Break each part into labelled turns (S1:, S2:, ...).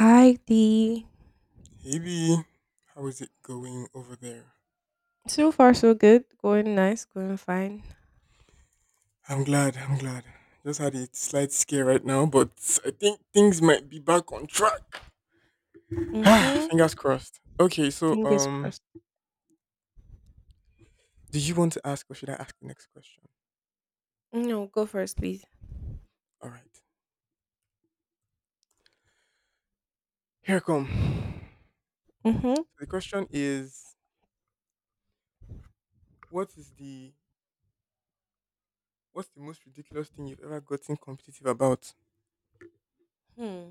S1: Hi, D.
S2: Hey B, how is it going over there?
S1: So far, so good. Going nice, going fine.
S2: I'm glad, I'm glad. Just had a slight scare right now, but I think things might be back on track.
S1: Mm-hmm.
S2: Fingers crossed. Okay, so
S1: Fingers
S2: um
S1: crossed.
S2: do you want to ask or should I ask the next question?
S1: No, go first, please.
S2: Alright. Here I come. So
S1: Mm-hmm.
S2: the question is what is the what's the most ridiculous thing you've ever gotten competitive about?
S1: Hmm.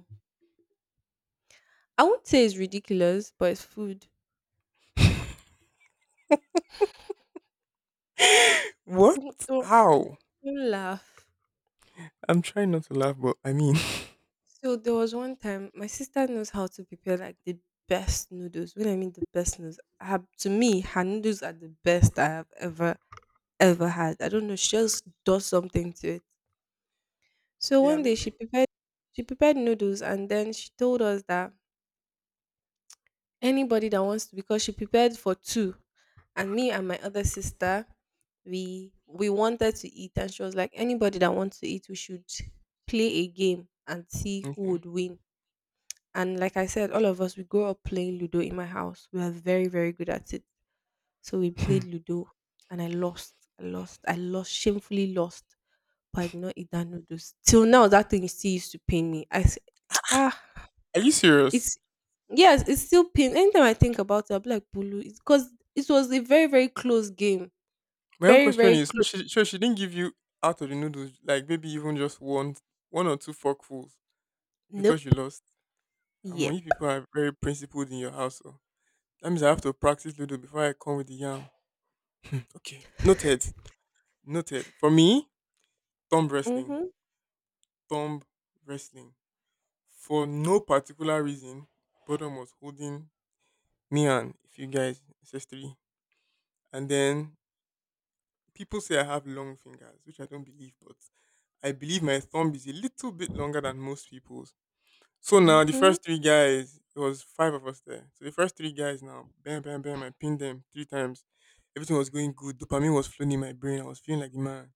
S1: I won't say it's ridiculous, but it's food.
S2: What?
S1: Don't, don't
S2: How?
S1: don't laugh.
S2: I'm trying not to laugh, but I mean
S1: So there was one time my sister knows how to prepare like the best noodles. When I mean the best noodles, her, to me, her noodles are the best I have ever had. I don't know. She just does something to it. So
S2: Yeah,
S1: one
S2: I'm
S1: day
S2: listening.
S1: she prepared noodles and then she told us that anybody that wants to, because she prepared for two. And me and my other sister, we wanted to eat and she was like, anybody that wants to eat, we should play a game and see who
S2: Okay.
S1: would win. And like I said, all of us we grew up playing Ludo in my house. We are very, very good at it. So we played Ludo and I lost. I lost. I lost, shamefully lost. But I did not eat that noodles. Till now that thing still used to pain me. I said, ah
S2: Are you serious?
S1: it's yes, it's still pain. Anytime I think about it, I'll be like Bulu, because it was a very, very close game.
S2: My own
S1: Very,
S2: question
S1: very
S2: is, so
S1: close.
S2: she, so she didn't give you out of the noodles, like maybe even just one or two forkfuls because
S1: Nope.
S2: you lost. And when you
S1: Yep.
S2: people are very principled in your house, so that means I have to practice noodle before I come with the yam. Okay, noted. For me, thumb wrestling,
S1: Mm-hmm.
S2: thumb wrestling. For no particular reason, Bodom was holding me and a few guys, SS3. And then people say I have long fingers, which I don't believe, but I believe my thumb is a little bit longer than most people's. So now the
S1: Mm-hmm.
S2: first three guys, it was five of us there. So the first three guys now, bam, bam, bam, I pinned them three times. Everything was going good. Dopamine was flowing in my brain. I was feeling like the man.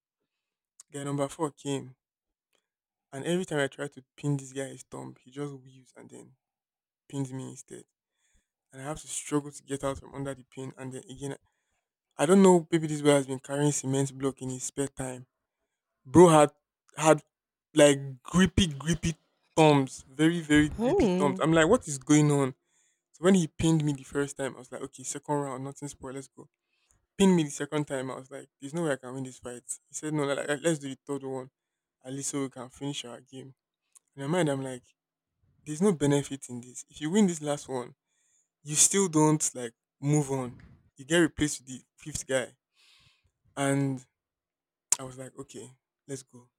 S2: Guy number four came. And every time I tried to pin this guy's thumb, he just weaves and then pins me instead. And I have to struggle to get out from under the pin. And then again, I don't know, maybe this boy has been carrying cement block in his spare time. Bro had like grippy thumbs, very grippy thumbs.
S1: Hmm.
S2: I'm like, what is going on? So when he pinned me the first time, I was like, okay, second round, nothing spoiled, let's go. Pinned me the second time, I was like, there's no way I can win this fight. He said, no, like, let's do the third one, at least so we can finish our game. In my mind, I'm like, there's no benefit in this. If you win this last one, you still don't like move on. You get replaced with the fifth guy. And I was like, okay, let's go.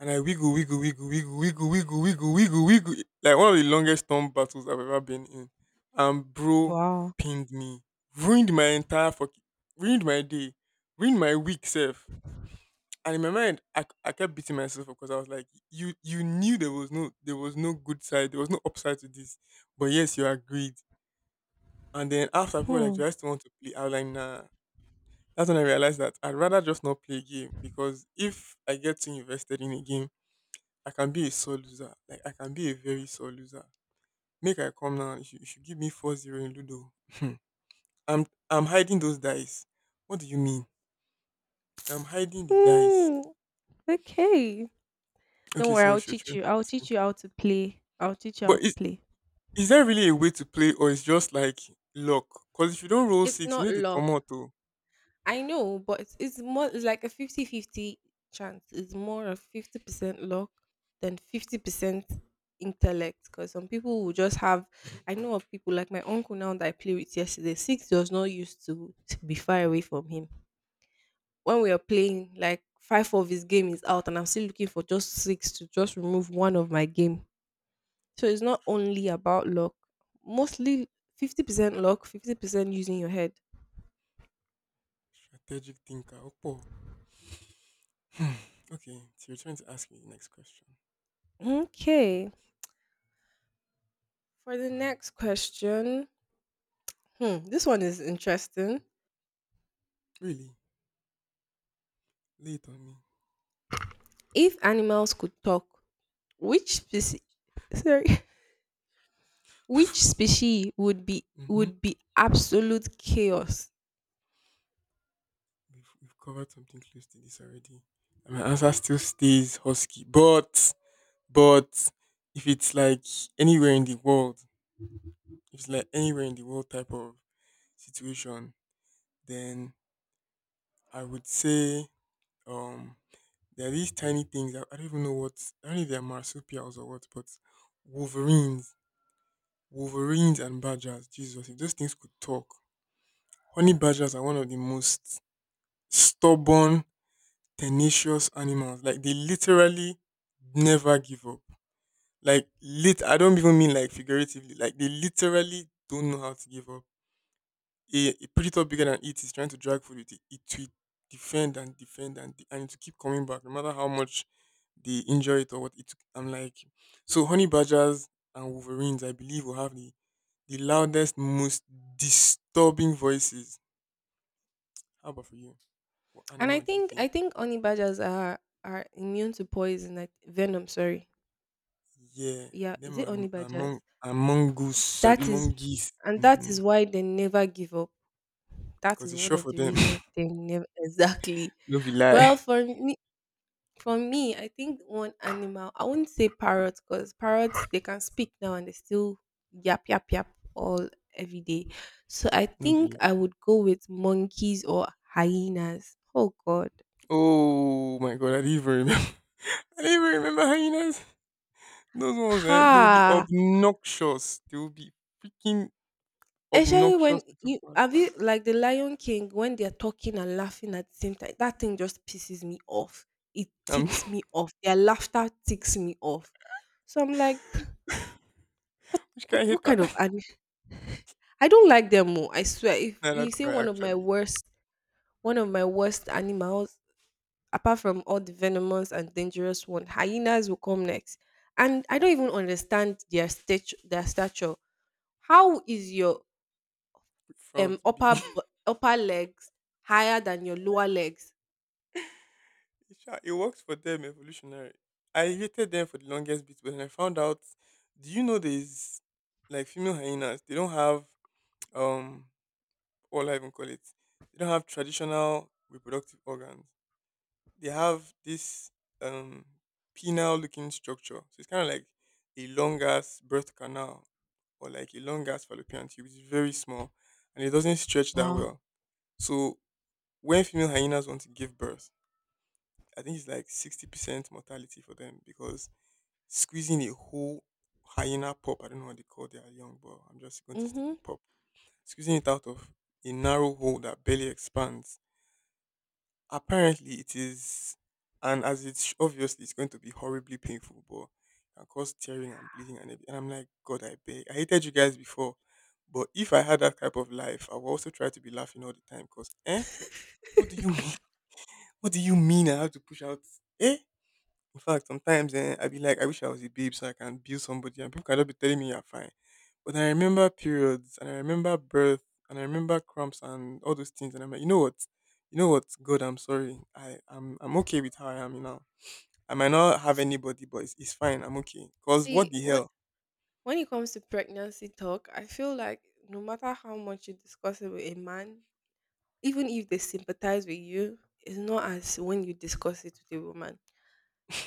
S2: And I wiggle, wiggle, wiggle, wiggle, wiggle, wiggle, wiggle, wiggle, wiggle. Like one of the longest storm battles I've ever been in. And bro
S1: Wow.
S2: pinned me, ruined my entire fucking, ruined my day, ruined my week self. And in my mind, I kept beating myself because I was like, you knew there was no good side, there was no upside to this. But yes, you agreed. And then after people were like,
S1: Hmm.
S2: do I still want to play? I was like, nah. That's when I realized that I'd rather just not play a game because if I get too invested in a game, I can be a sore loser. Like I can be a very sore loser. Make I come now. You should give me four zero 0 in Ludo. Hmm. I'm hiding those dice. What do you mean? I'm hiding the dice.
S1: Hmm. Okay. Don't
S2: Okay,
S1: worry,
S2: so
S1: I'll
S2: she's
S1: teach
S2: trying to
S1: you. I'll
S2: ask me.
S1: teach you how to play. I'll teach you how
S2: But
S1: to
S2: is
S1: play.
S2: is there really a way to play or it's just like luck? Because if you don't roll
S1: It's
S2: six, you
S1: not
S2: know they
S1: luck.
S2: come out to
S1: I know, but it's more it's like a 50-50 chance. It's more of 50% luck than 50% intellect because some people will just have, I know of people like my uncle now that I play with yesterday. Six does not used to be far away from him. When we are playing, like five of his game is out and I'm still looking for just six to just remove one of my game. So it's not only about luck. Mostly 50% luck, 50% using your head.
S2: strategic thinker. Opo. Hmm. Okay, so you're trying to ask me the next question.
S1: Okay. For the next question, hmm, this one is interesting.
S2: Really? Late on me.
S1: If animals could talk, which species sorry,
S2: That's
S1: which
S2: funny.
S1: species would be,
S2: Mm-hmm.
S1: would be absolute chaos?
S2: We've covered something close to this already. And my answer still stays husky. But, if it's like anywhere in the world, if it's like anywhere in the world type of situation, then I would say um, there are these tiny things. I don't know if they're marsupials or what, but wolverines, wolverines and badgers, Jesus, if those things could talk. Honey badgers are one of the most stubborn tenacious animals. Like they literally never give up. Like lit I don't even mean like figuratively. Like they literally don't know how to give up. A predator bigger than it is trying to drag food with it. It will defend and defend and it will keep coming back no matter how much they injure it or what it. I'm like so honey badgers and wolverines I believe will have the loudest, most disturbing voices. How about for you? What
S1: And I
S2: animal do you
S1: think I
S2: think?
S1: think honey badgers are immune to poison, like venom, sorry.
S2: Yeah,
S1: Yeah, is
S2: them
S1: it
S2: and,
S1: honey
S2: and, mon-
S1: badgers?
S2: and mongoose, I be
S1: That is,
S2: mongoose.
S1: and that
S2: Mm-hmm.
S1: is why they never give up. That
S2: Because
S1: is
S2: it's
S1: one
S2: sure
S1: of
S2: for
S1: the
S2: them.
S1: reasons they never exactly.
S2: No be lie.
S1: Well, for me For me, I think one animal, I wouldn't say parrots because parrots, they can speak now and they still yap, yap, yap all every day. So I
S2: No be
S1: think I
S2: lie.
S1: would go with monkeys or hyenas. Oh, God.
S2: Oh my god, I didn't even remember. I didn't even remember hyenas. Those ones, eh? They will be
S1: Ha!
S2: obnoxious. They will be freaking
S1: Especially
S2: obnoxious
S1: when
S2: little
S1: you have you
S2: bastards.
S1: like the Lion King, when they're talking and laughing at the same time, that thing just pisses me off. It
S2: Um,
S1: ticks me off. Their laughter ticks me off. So I'm like, what
S2: which kind
S1: what
S2: of
S1: what
S2: hater?
S1: kind of animal? I don't like them. Oh, I swear. If
S2: Nah,
S1: you
S2: that's
S1: say
S2: right,
S1: one of my
S2: actually.
S1: worst, one of my worst animals, apart from all the venomous and dangerous one, hyenas will come next. And I don't even understand their stature. Their stature. How is your
S2: Front big.
S1: upper legs higher than your lower legs?
S2: It works for them, evolutionary. I hated them for the longest bit, but then I found out. Do you know there's like female hyenas? They don't have um what will I even call it? They don't have traditional reproductive organs. They have this um penile looking structure. So it's kinda like a long ass birth canal or like a long ass fallopian tube. It's very small and it doesn't stretch that
S1: Wow.
S2: well. So when female hyenas want to give birth, I think it's like 60% mortality for them because squeezing a whole hyena pup, I don't know what they call their young, but I'm just going to stick
S1: Mm-hmm.
S2: with pup, squeezing it out of a narrow hole that barely expands. Apparently, it is, and obviously, it's going to be horribly painful, but it can cause tearing and bleeding and everything. And I'm like, God, I beg. I hated you guys before, but if I had that type of life, I would also try to be laughing all the time. Cause, eh, what do you mean? What do you mean? I have to push out? Eh, in fact, sometimes eh, I be like, I wish I was a babe so I can build somebody, and people can just be telling me you're fine. But I remember periods, and I remember birth, and I remember cramps, and all those things, and I'm like, you know what, God, I'm sorry, I'm okay with how I am now. I might not have anybody, but it's fine. I'm okay. Cause what
S1: See,
S2: the
S1: when
S2: hell?
S1: when it comes to pregnancy talk, I feel like no matter how much you discuss it with a man, even if they sympathize with you, it's not as when you discuss it with a woman.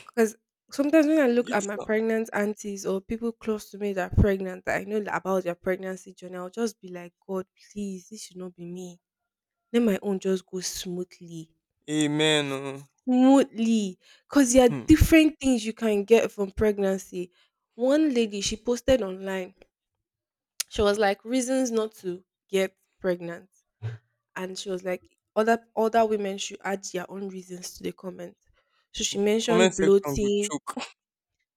S1: Because sometimes when I look at
S2: Yes,
S1: my
S2: now.
S1: pregnant aunties or people close to me that are pregnant, that I know about their pregnancy journey, I'll just be like, God, please, this should not be me. Let my own just go smoothly.
S2: Amen. Oh.
S1: Smoothly. Because there are
S2: Hmm.
S1: different things you can get from pregnancy. One lady, she posted online, she was like, reasons not to get pregnant, and she was like other women should add their own reasons to the comment. So she
S2: Comment
S1: mentioned
S2: section will
S1: bloating.
S2: choke.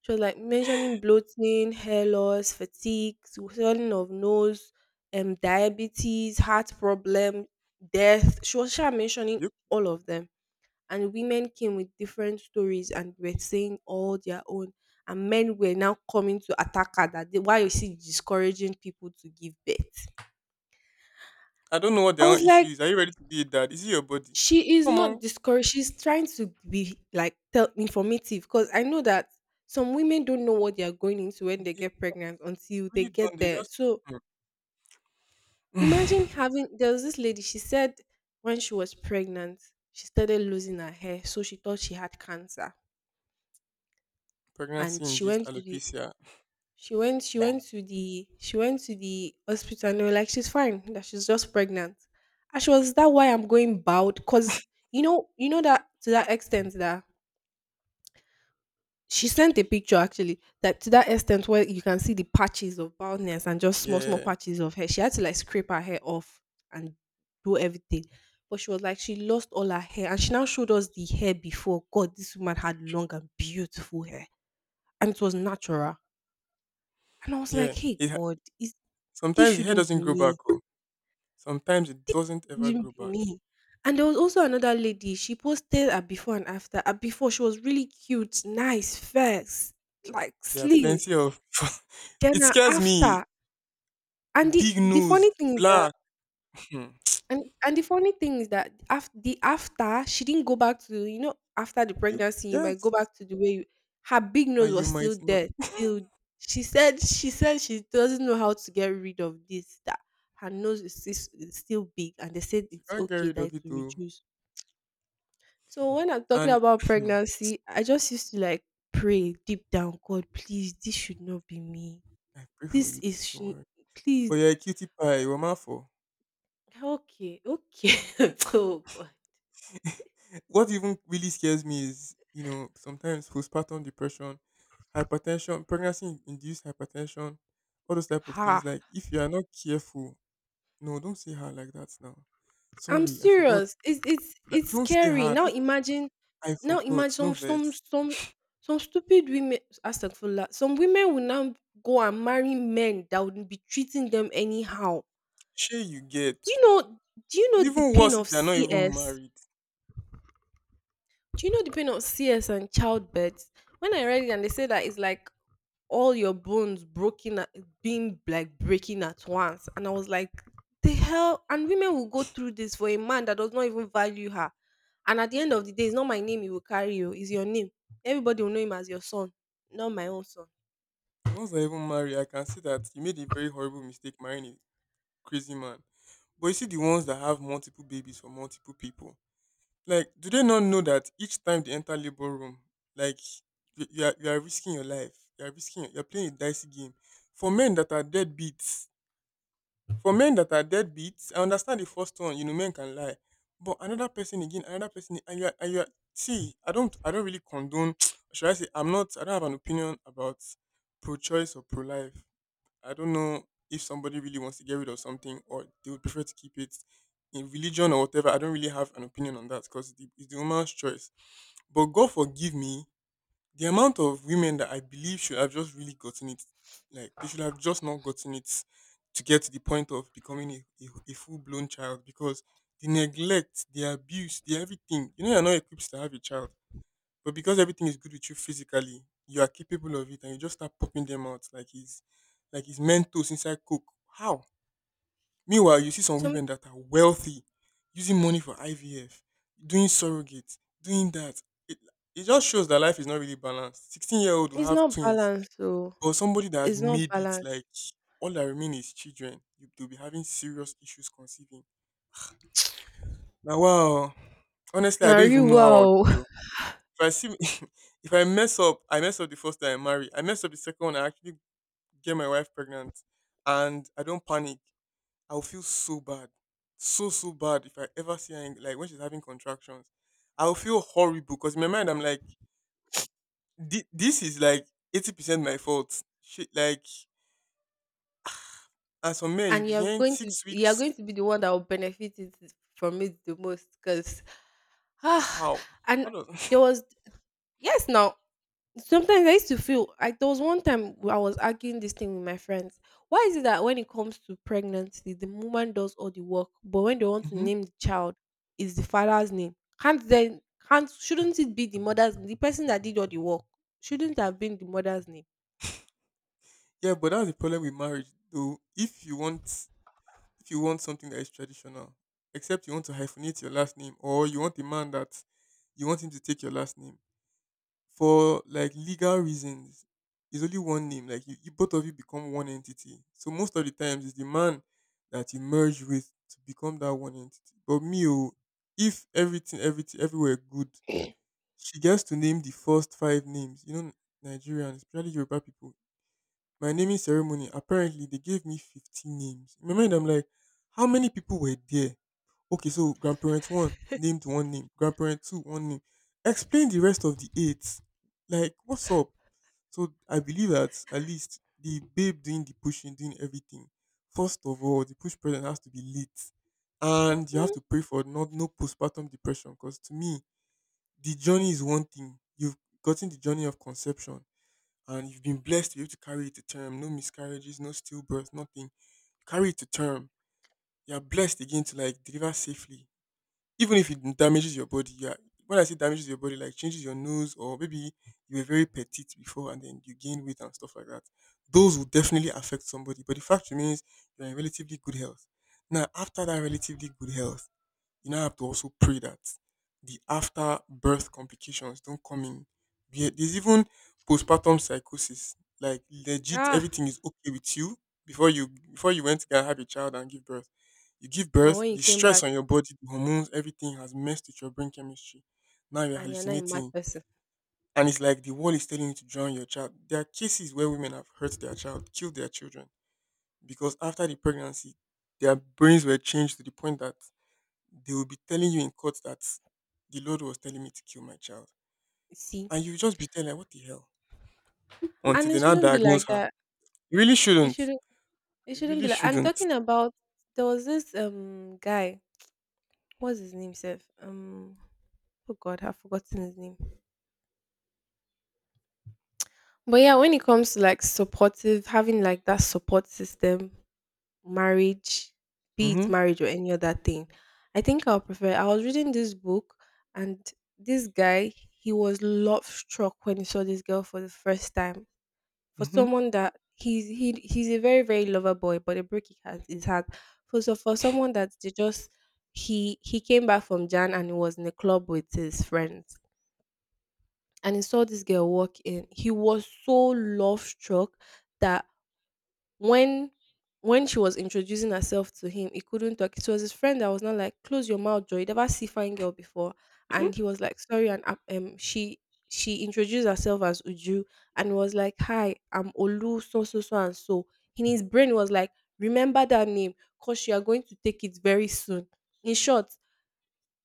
S1: She was like mentioning bloating, hair loss, fatigue, swelling of nose, diabetes, heart problem, death. She was sure mentioning
S2: Yep.
S1: all of them. And women came with different stories and were saying all their own. And men were now coming to attack her that they, why is she discouraging people to give birth?
S2: I don't know what
S1: I
S2: their
S1: was
S2: own issue
S1: like,
S2: is. Are you ready to be a dad? Is it your body?
S1: she is not
S2: Come
S1: discouraged. She's trying to be like tell informative, because I know that some women don't know what they are going into when
S2: on.
S1: they get pregnant until they
S2: Really don't.
S1: get
S2: They
S1: there.
S2: just
S1: So
S2: Hmm.
S1: imagine having, there was this lady, she said when she was pregnant, she started losing her hair, so she thought she had cancer.
S2: Pregnancy
S1: And
S2: induced alopecia.
S1: she went to the hospital and they were like, she's fine, that she's just pregnant. And she was that why I'm going bald, because you know that to that extent that she sent a picture actually, that to that extent where you can see the patches of baldness and just small, small
S2: Yeah,
S1: patches of hair. She had to like scrape her hair off and do everything. But she was like, she lost all her hair. And she now showed us the hair before. God, this woman had long and beautiful hair. And it was natural. And I was like,
S2: yeah.
S1: hey, God, is, this
S2: Sometimes the hair
S1: shouldn't
S2: doesn't
S1: be
S2: grow back.
S1: me.
S2: Oh. Sometimes it doesn't
S1: It
S2: ever
S1: shouldn't
S2: grow
S1: be
S2: back.
S1: me. And there was also another lady. She posted a before and after. A before, she was really cute, nice, fair, like
S2: There are
S1: slim.
S2: plenty of.
S1: Then
S2: It
S1: a
S2: scares me.
S1: after, and the
S2: Big
S1: the
S2: nose,
S1: funny thing is that,
S2: black. Hmm.
S1: and the funny thing is that after the after, she didn't go back to, you know, after the
S2: You,
S1: pregnancy, you might go
S2: yes,
S1: back to the way you, her big nose
S2: and you
S1: was
S2: might
S1: still
S2: not.
S1: there till, she said she doesn't know how to get rid of this, that her nose is stis is still big and they said
S2: You
S1: it's
S2: can't get
S1: okay
S2: rid
S1: that
S2: of
S1: it
S2: it
S1: will
S2: too.
S1: reduce. So when I'm talking
S2: And
S1: about pregnancy, I just used to like pray deep down, "God, please, this should not be me.
S2: I pray for
S1: This
S2: you
S1: is
S2: too. Don't
S1: shou
S2: worry.
S1: please
S2: But you're a cutie pie. You're for.
S1: Okay, okay." Oh God.
S2: What even really scares me is, you know, sometimes postpartum depression, hypertension, pregnancy induced hypertension, all those type of things.
S1: Ha.
S2: Like if you are not careful, no, don't say her like that now.
S1: I'm
S2: Sorry, I forgot.
S1: serious. It's it's
S2: Like,
S1: it's
S2: don't say
S1: scary.
S2: her.
S1: Now
S2: Don't,
S1: imagine,
S2: I
S1: now
S2: forgot. No
S1: imagine some some
S2: verse.
S1: some some stupid women, astagfirullah. Some women will now go and marry men that would be treating them anyhow.
S2: Sure, you get.
S1: Do you know do you
S2: It's
S1: know the
S2: even
S1: pain
S2: worse if
S1: of
S2: they're not even
S1: CS?
S2: married.
S1: Do you know the pain of CS and childbirth? When I read it and they say that it's like all your bones broken at, being like breaking at once, and I was like, the hell, and women will go through this for a man that does not even value her. And at the end of the day, it's not my name he will carry, you, it's your name. Everybody will know him as your son, not my own son.
S2: The ones that are even married, I can see that you made a very horrible mistake marrying a crazy man. But you see the ones that have multiple babies for multiple people. Like, do they not know that each time they enter labor room, like you are risking your life. You are risking. You are playing a dicey game. For men that are deadbeats, for men that are deadbeats, I understand the first one. You know, men can lie, but another person again, another person, and and you are, see, I don't really condone. Should I say I'm not? I don't have an opinion about pro-choice or pro-life. I don't know if somebody really wants to get rid of something or they would prefer to keep it in religion or whatever. I don't really have an opinion on that because it's it's the woman's choice. But God forgive me, the amount of women that I believe should have just really gotten it, like they should have just not gotten it to get to the point of becoming a full blown child because the neglect, the abuse, the everything, you know, you're not equipped to have a child. But because everything is good with you physically, you are capable of it and you just start popping them out like it's mentos inside coke. How? Meanwhile, you see some
S1: So
S2: women that are wealthy, using money for IVF, doing surrogate, doing that. It, it just shows that life is not really balanced. 16-year-old will
S1: it's
S2: have
S1: not
S2: twins,
S1: balanced, so
S2: but somebody that has
S1: it's not
S2: made it
S1: balanced.
S2: like all that remain is children. You, they'll be having serious issues conceiving. Now, wow, honestly, I
S1: Now
S2: don't even
S1: you,
S2: know how I would
S1: wow.
S2: feel. If I see me, if I mess up, I mess up the first time I marry. I mess up the second one. I actually get my wife pregnant, and I don't panic. I will feel so bad, so so bad if I ever see her in, like when she's having contractions. I will feel horrible because in my mind I'm like, "This is like 80% my fault. Shit, like as for men, you
S1: And
S2: be
S1: you're
S2: hearing
S1: going to
S2: six
S1: you're
S2: weeks.
S1: going to be the one that will benefit it from it the most, because
S2: h-
S1: ah,
S2: How? How
S1: and
S2: does?
S1: there was yes now sometimes I used to feel like there was one time where I was arguing this thing with my friends. Why is it that when it comes to pregnancy, the woman does all the work, but when they want to
S2: Mhm.
S1: name the child, is the father's name? Can't then can't shouldn't it be the mother's, the person that did all the work? Shouldn't have been the mother's name.
S2: Yeah, but that's the problem with marriage, though. If you want something that is traditional, except you want to hyphenate your last name or you want a man that you want him to take your last name for like legal reasons. It's only one name. Like you both of you become one entity. So most of the times it's the man that you merge with to become that one entity. But me, oh, if everything, everything, everywhere good, she gets to name the first five names. You know, Nigerians, especially Yoruba people. My naming ceremony, apparently they gave me 15 names. In my mind, I'm like, how many people were there? Okay, so grandparent one named one name, grandparent two one name. Explain the rest of the eight. Like, what's up? So I believe that at least the babe doing the pushing, doing everything. First of all, the push present has to be lit, and you have
S1: Hmm.
S2: to pray for not no postpartum depression. Because to me, the journey is one thing. You've gotten the journey of conception, and you've been blessed to be able to carry it to term. No miscarriages, no stillbirth, nothing. Carry it to term. You are blessed again to like deliver safely even if it damages your body, yeah. When I say damages your body, like changes your nose, or maybe you were very petite before and then you gain weight and stuff like that, those will definitely affect somebody. But the fact remains, you're in relatively good health. Now, after that relatively good health, you now have to also pray that the after birth complications don't come in. Yeah, there's even postpartum psychosis. Like legit,
S1: Ah,
S2: everything is okay with you before you went to get have a child and give birth. You give
S1: but
S2: birth,
S1: when you
S2: the
S1: came
S2: stress
S1: back
S2: on your body, the hormones, everything has messed with your brain chemistry. Now you're
S1: and you're not a mad
S2: hallucinating,
S1: person,
S2: and it's like the world is telling you to drown your child. There are cases where women have hurt their child, killed their children because after the pregnancy, their brains were changed to the point that they will be telling you in court that the Lord was telling me to kill my child.
S1: you see,
S2: And you just be telling, like, what the hell? Until
S1: and
S2: they
S1: it
S2: now
S1: shouldn't be
S2: diagnose
S1: like
S2: her.
S1: that.
S2: You really
S1: It
S2: shouldn't.
S1: shouldn't. It
S2: You
S1: shouldn't
S2: really
S1: be like, I'm
S2: shouldn't.
S1: talking about, there was this guy, what's his name, Seth? Um, oh god, I've forgotten his name. But yeah, when it comes to like supportive, having like that support system, marriage, be it
S2: Hmm.
S1: marriage or any other thing, I think I'll prefer. I was reading this book, and this guy, he was love struck when he saw this girl for the first time. For
S2: Hmm.
S1: someone that he's, he's a very, very lover boy, but a break he has his heart. For so for someone that they just He came back from Jan and he was in a club with his friends, and he saw this girl walk in. He was so love struck that when when she was introducing herself to him, he couldn't talk. It was his friend that was not like, "Close your mouth, Joy. You never see fine girl before." And he was like, "Sorry." And she introduced herself as Uju and was like, "Hi, I'm Olu, so so so and so." In his brain was like, "Remember that name, cause you are going to take it very soon. In short,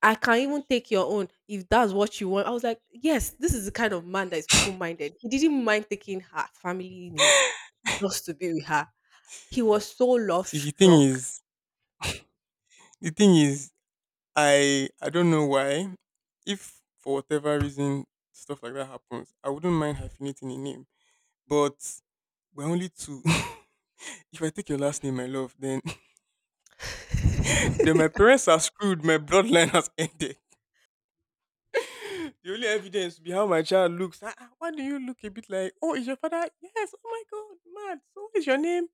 S1: I can even take your own if that's what you want." I was like, yes, this is the kind of man that is open minded. He didn't mind taking her family name just to be with her. He was so love
S2: See, the thing
S1: struck.
S2: is, the thing is, I don't know why. If for whatever reason stuff like that happens, I wouldn't mind hyphenating a name. But we're only two. If I take your last name, my love, then, then my
S1: it,
S2: parents are screwed. My bloodline has ended. The only evidence will be how my child looks. Ah, ah, why do you look a bit like? Oh, is your father? Yes. Oh my God, mad. So what is your name?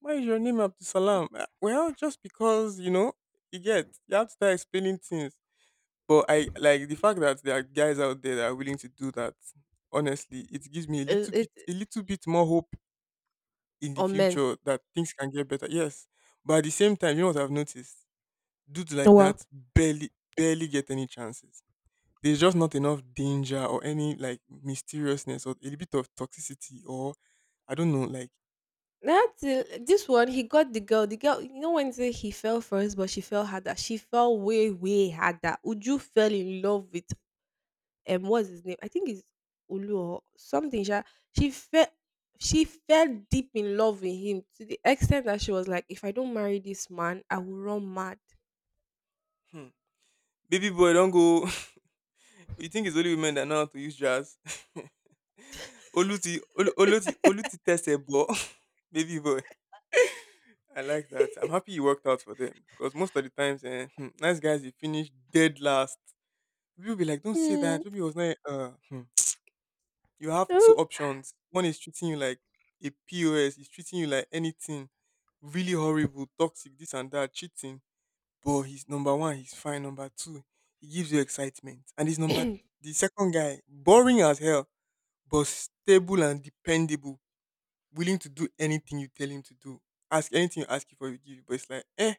S2: Why is your name Abdul Salam? Ah, well, just because you know you get you have to start explaining things. But I like the fact that there are guys out there that are willing to do that. Honestly, it gives me
S1: it
S2: a little bit more hope in the
S1: on men.
S2: future that things can get better. Yes, but at the same time, you know what I've noticed? Dudes
S1: Oh,
S2: like
S1: well,
S2: that barely, barely get any chances. There's just not enough danger or any like mysteriousness or a little bit of toxicity or I don't know, like
S1: that's it. This one, he got the girl. The girl, you know, when you say he fell first, but she fell harder. She fell way, way harder. Uju fell in love with what's his name? I think it's Olu or something. Sha. She felt she fell deep in love with him to the extent that she was like, if I don't marry this man, I will run mad.
S2: hmm, baby boy, don't go. You think it's only women that know how to use jazz? Oluti, Oluti, Oluti test. Baby boy. I like that. I'm happy you worked out for them because most of the times, nice guys, you finish dead last. People be like, "Don't say that."
S1: Mm.
S2: Maybe it was not. Hmm. You have two
S1: Oh.
S2: options. One is treating you like a POS, he's treating you like anything really horrible, toxic, this and that, cheating. But he's number one, he's fine. Number two, he gives you excitement. And he's number the second guy, boring as hell, but stable and dependable, willing to do anything you tell him to do. Ask anything you ask you for, he will give you. But it's like,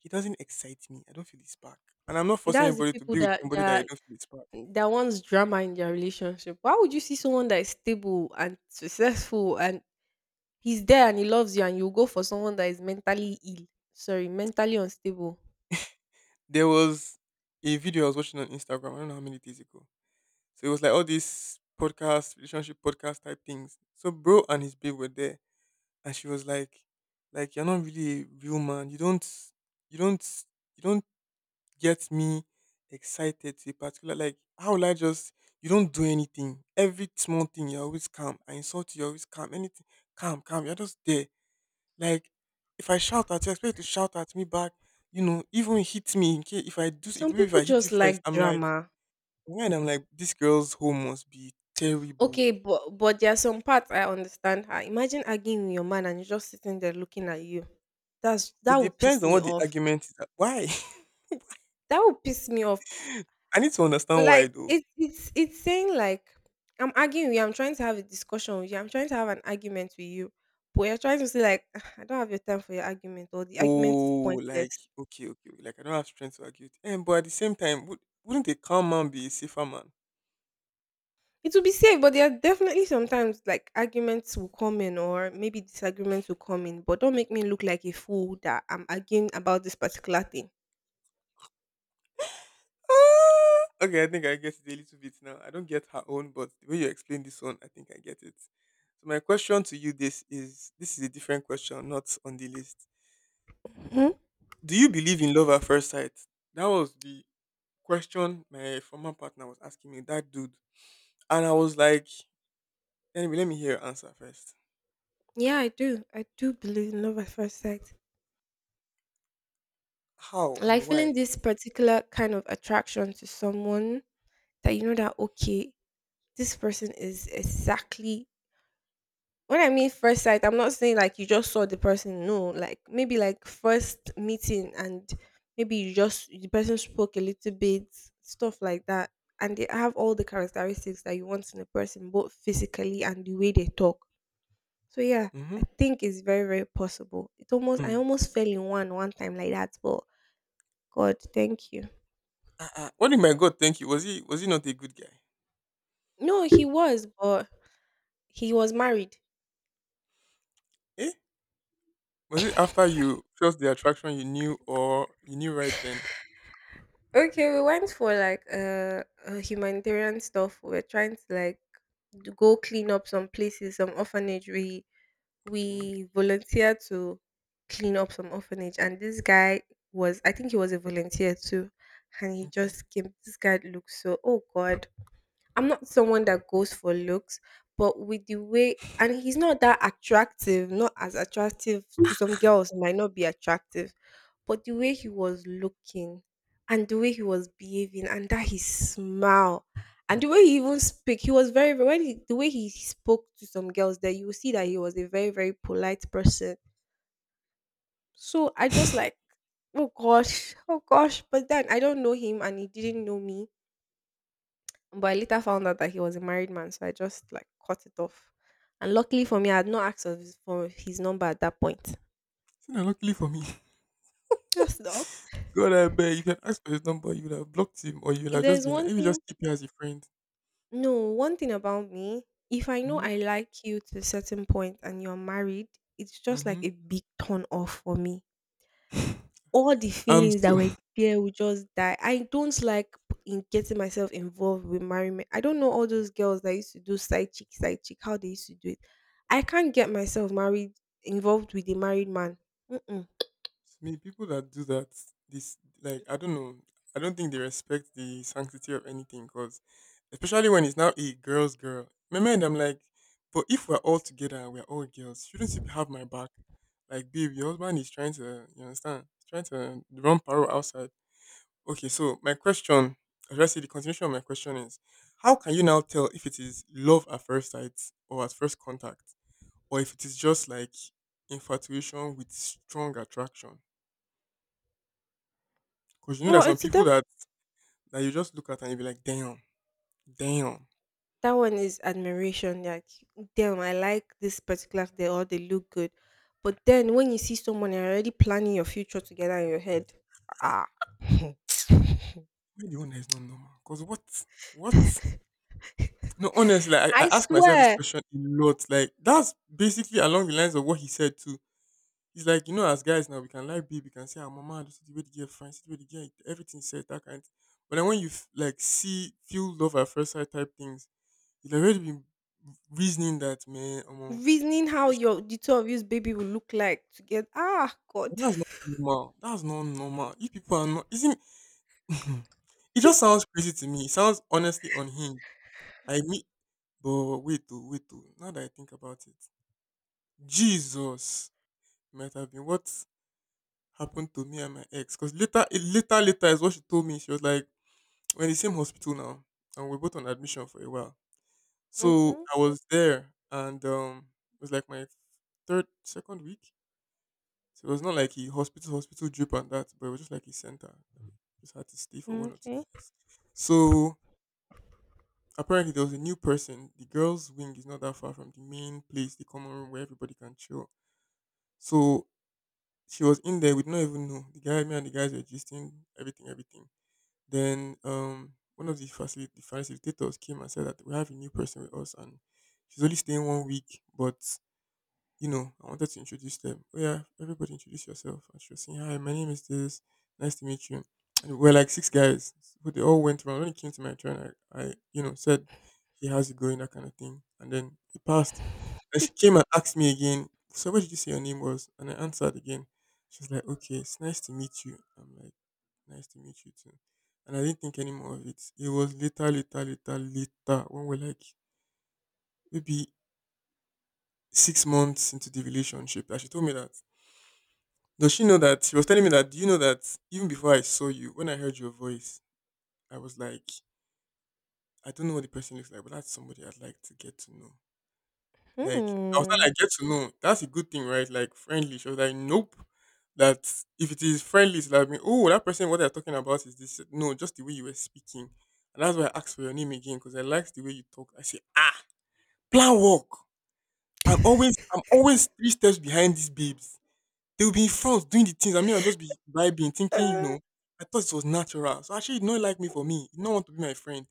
S2: he doesn't excite me. I don't feel the spark. And I'm not forcing
S1: That's the
S2: anybody to
S1: people
S2: be with somebody that I don't feel the spark.
S1: that wants drama in their relationship. Why would you see someone that is stable and successful and he's there and he loves you and you go for someone that is mentally ill? Sorry, mentally unstable.
S2: There was a video I was watching on Instagram, I don't know how many days ago. So it was like all these podcast, relationship podcast type things. So bro and his babe were there, and she was like you're not really a real man. You don't, you don't get me excited to a particular like. How will I just? You don't do anything. Every small thing you're always calm. I insult you, you're always calm. Anything, calm, calm. You're just there. Like if I shout at you, I expect you to shout at me back. You know, even hit me in case if I do. If
S1: Some
S2: maybe if
S1: people
S2: I hit you
S1: just
S2: first,
S1: like
S2: I'm like.
S1: drama.
S2: Right, I'm like, this girl's home must be terrible.
S1: Okay, but there are some parts I understand her. Imagine arguing with your man and he's just sitting there looking at you.
S2: It
S1: That would
S2: depends
S1: piss
S2: on
S1: me
S2: what the
S1: off.
S2: argument is. Why?
S1: That would piss me off.
S2: I need to understand why
S1: Like
S2: though.
S1: it's saying like I'm arguing with you, I'm trying to have a discussion with you, I'm trying to have an argument with you. But you're trying to say like, "Ah, I don't have your time for your argument, or the argument is
S2: Oh,
S1: pointless."
S2: like okay, okay, okay. Like I don't have strength to argue. It. And but at the same time, wouldn't a calm man be a safer man?
S1: It will be safe, but there are definitely sometimes like arguments will come in or maybe disagreements will come in. But don't make me look like a fool that I'm arguing about this particular thing.
S2: Ah! Okay, I think I get it a little bit now. I don't get her own, but the way you explain this one, I think I get it. So my question to you this is a different question, not on the list.
S1: Hmm?
S2: Do you believe in love at first sight? That was the question my former partner was asking me. That dude. And I was like, "Anyway, let me hear your answer first.
S1: Yeah, I do. I do believe in love at first sight.
S2: How
S1: Like
S2: and
S1: feeling
S2: why?
S1: this particular kind of attraction to someone that you know that okay, this person is exactly when I mean first sight, I'm not saying like you just saw the person. No, like maybe like first meeting and maybe you just the person spoke a little bit, stuff like that. And they have all the characteristics that you want in a person, both physically and the way they talk. So yeah, I
S2: Mm-hmm.
S1: think it's very, very possible. It almost I
S2: Hmm.
S1: almost fell in one time like that, but God, thank you.
S2: Ah, ah. What did my God think you? Was he not a good guy?
S1: No, he was, but he was married.
S2: Eh? Was it after you felt the attraction you knew or you knew right then?
S1: Okay, we went for like humanitarian stuff. We were trying to like go clean up some places, some orphanage. We
S2: Okay.
S1: we volunteered to clean up some orphanage, and this guy was I think he was a volunteer too, and he
S2: Okay.
S1: just came. This guy looked so oh God, I'm not someone that goes for looks, but with the way and he's not that attractive, not as attractive to some girls, he might not be attractive, but the way he was looking and the way he was behaving and that his smile and the way he even speak, he was very very when he, the way he spoke to some girls there, you will see that he was a very, very polite person. So I just like, oh gosh, but then I don't know him and he didn't know me, but I later found out that he was a married man, so I just like cut it off. And luckily for me, I had not asked of his, for his number at that point.
S2: See now luckily for me.
S1: Just dog.
S2: God I beg if you had asked for his number, you would have blocked him or you would
S1: If
S2: have just
S1: there's
S2: been like,
S1: one
S2: let me
S1: thing,
S2: just keep you as a friend.
S1: no, one thing about me, if I know
S2: Mm-hmm.
S1: I like you to a certain point and you're married, it's just like
S2: Mm-hmm.
S1: a big turn off for me. All the
S2: I'm
S1: feelings that
S2: so.
S1: were there will just die. I don't like p- in getting myself involved with married men. I don't know all those girls that used to do side chick, how they used to do it. I can't get myself married involved with a married man. Mm-mm.
S2: It's me, people that do that, this like I don't know. I don't think they respect the sanctity of anything, cause especially when it's now a girl's girl. In my mind, I'm like, but if we're all together and we're all girls, shouldn't you have my back? Like, babe, your husband is trying to, you understand? He's trying to run parole outside. Okay, so my question, or should I say the continuation of my question is, how can you now tell if it is love at first sight or at first contact, or if it is just like infatuation with strong attraction? Because you know there's
S1: Well,
S2: some people that you just look at and you be like, damn, damn,
S1: that one is admiration. Like, damn, I like this particular they or they look good. But then when you see someone and you're already planning your future together in your head, ah,
S2: maybe the owner is not normal. Because what, what? No, honestly, like, I,
S1: I
S2: I ask myself this
S1: swear.
S2: question a lot. Like that's basically along the lines of what he said too. He's like, you know, as guys now we can like babe, we can say, our mama, this is the way the girl fine, see the way the girl, everything said that kind. But then when you like see feel love at first sight type things, you have already been reasoning that man,
S1: Reasoning how your the two of you's baby will look like to get ah God.
S2: that's not normal. That's not normal. If people are not, isn't it just sounds crazy to me. It sounds honestly unhinged. I mean, but wait, oh, wait, oh. Now that I think about it, Jesus might have been what happened to me and my ex. Because later, later is what she told me. She was like, "We're in the same hospital now, and we're both on admission for a while." So
S1: Mhm.
S2: I was there, and it was like my second week. So it was not like a hospital, hospital drip and that, but it was just like a center. Just had to stay for one or two
S1: Okay.
S2: days. So apparently there was a new person. The girls' wing is not that far from the main place, the common room where everybody can chill. So she was in there, we did not even know. The guy, me and the guys were gisting, everything, everything. Then one of the the facilitators came and said that we have a new person with us and she's only staying one week, but I wanted to introduce them. Oh yeah, everybody introduce yourself. And she was saying, "Hi, my name is this, nice to meet you." And we're like six guys. But they all went around. When it came to my turn, I said, "Hey, how's it going?" That kind of thing. And then it passed. And she came and asked me again, "So what did you say your name was?" And I answered again. She was like, "Okay, it's nice to meet you." I'm like, "Nice to meet you too." And I didn't think any more of it. It was later, later, later, later, when we're like maybe 6 months into the relationship that she told me that, does she know that she was telling me that, do you know that even before I saw you, when I heard your voice, I was like, I don't know what the person looks like, but that's somebody I'd like to get to know. Like I was not
S1: Hmm.
S2: like get to know. That's a good thing, right? Like friendly. She was like, "Nope." That if it is friendly, it's like oh that person what they're talking about is this, no, just the way you were speaking. And that's why I asked for your name again, because I liked the way you talk. I say, ah, plan work. I'm always three steps behind these babes. They will be in front doing the things. I mean, I'll just be vibing thinking, you
S1: Uh,
S2: know, I thought it was natural. So actually he not like me for me. He not want to be my friend.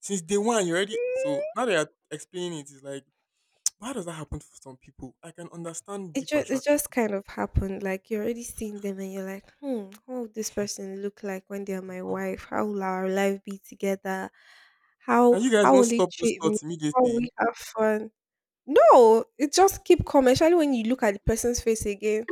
S2: Since day one you already, so now that you're explaining it, it's like why does that happen to some people? I can understand
S1: it
S2: deep
S1: just it
S2: attraction.
S1: just kind of happened. Like you're already seeing them, and you're like, hmm, how would this person look like when they are my
S2: Wow.
S1: wife? How will our life be together? How
S2: And you guys
S1: how
S2: don't
S1: will he
S2: stop those
S1: treat me?
S2: thoughts
S1: How will
S2: immediately.
S1: we have fun? No, it just keep coming. Especially when you look at the person's face again.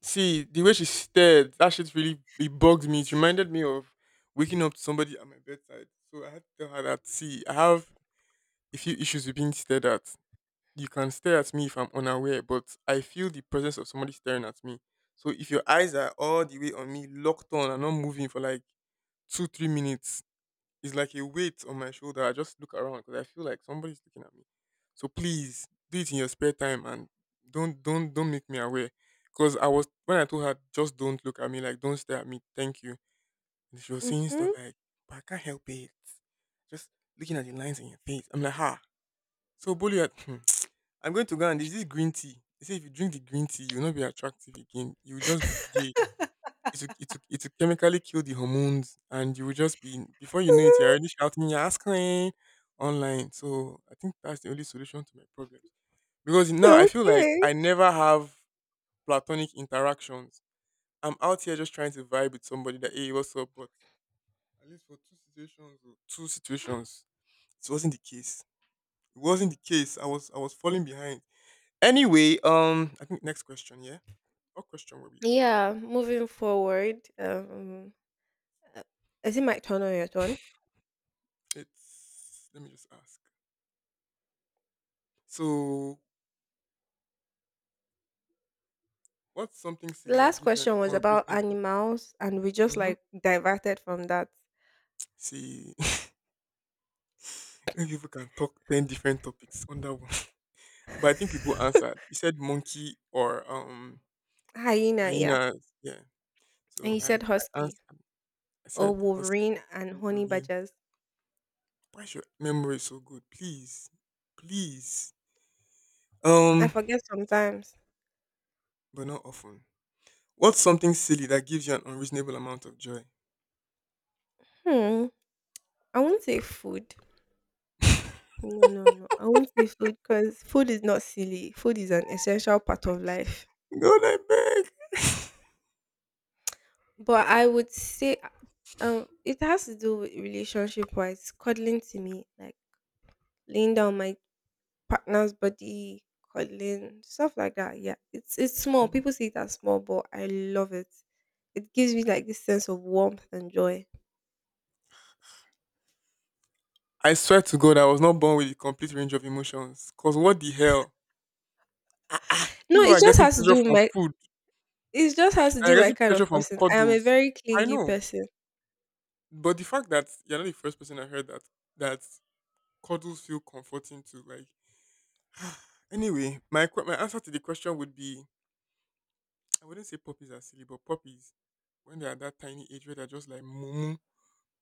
S2: See, the way she stared, that shit really it bugged me. It reminded me of waking up to somebody at my bedside. So I had to tell her that see, I have a few issues with being stared at. You can stare at me if I'm unaware, but I feel the presence of somebody staring at me. So if your eyes are all the way on me, locked on and not moving for like two, 3 minutes, it's like a weight on my shoulder. I just look around because I feel like somebody's looking at me. So please do it in your spare time and don't make me aware. Because I was when I told her just don't look at me, like don't stare at me, thank you. And she was saying stuff
S1: Mm-hmm.
S2: like, "But I can't help it. Just looking at the lines in your face." I'm like, ha. So bully at I'm going to go and there's this green tea. They say if you drink the green tea, you'll not be attractive again. You'll just be gay. It will chemically kill the hormones, and you will just be before you know it, you're already shouting "Yas queen" online. So I think that's the only solution to my problem. Because now I feel like
S1: okay.
S2: I never have platonic interactions. I'm out here just trying to vibe with somebody that hey, what's up? But at least for two situations, oh, two situations, it wasn't the case. It wasn't the case. I was falling behind. Anyway, I think next question, yeah. What question were we on?
S1: Yeah. Moving forward. Uh, is it my turn or your turn?
S2: It's let me just ask. So, what's something
S1: The
S2: silly that
S1: last
S2: gives you an
S1: question was about
S2: unreasonable?
S1: animals, and we just
S2: Mm-hmm.
S1: like diverted from that.
S2: See, many people can talk 10 different topics on that one, but I think people answered. You said monkey or
S1: Hyena, yeah.
S2: hyenas, yeah.
S1: And
S2: So
S1: you
S2: I
S1: said
S2: I
S1: husky
S2: answered. I
S1: or
S2: said husky,
S1: wolverine and honey
S2: wolverine.
S1: badgers.
S2: Why is your memory so good? Please, please.
S1: I
S2: Um,
S1: forget sometimes.
S2: but not often. What's something silly that gives you an unreasonable amount of joy?
S1: Hmm. I won't say food. No, no, no. I won't say food because food is not silly. Food is an essential part of life.
S2: God, I beg.
S1: But I would say, it has to do with relationship wise. Cuddling to me, like laying down my partner's body, cuddling, stuff like that. Yeah, it's small.
S2: Mm.
S1: People see it as small, but I love it. It gives me like this sense of warmth and joy.
S2: I swear to God, I was not born with a complete range of emotions. Cause what the hell?
S1: No,
S2: If
S1: it
S2: I'm
S1: just
S2: getting
S1: has to
S2: pleasure
S1: do with
S2: from
S1: my
S2: food,
S1: it just has to
S2: I'm
S1: do my
S2: getting
S1: kind
S2: pleasure
S1: of
S2: from
S1: person. I am a
S2: cuddles.
S1: very
S2: I
S1: clingy
S2: know,
S1: person.
S2: but the fact that you're not the first person I heard that that cuddles feel comforting to. Like, anyway, my answer to the question would be, I wouldn't say puppies are silly, but puppies when they're that tiny age where they're just like mumu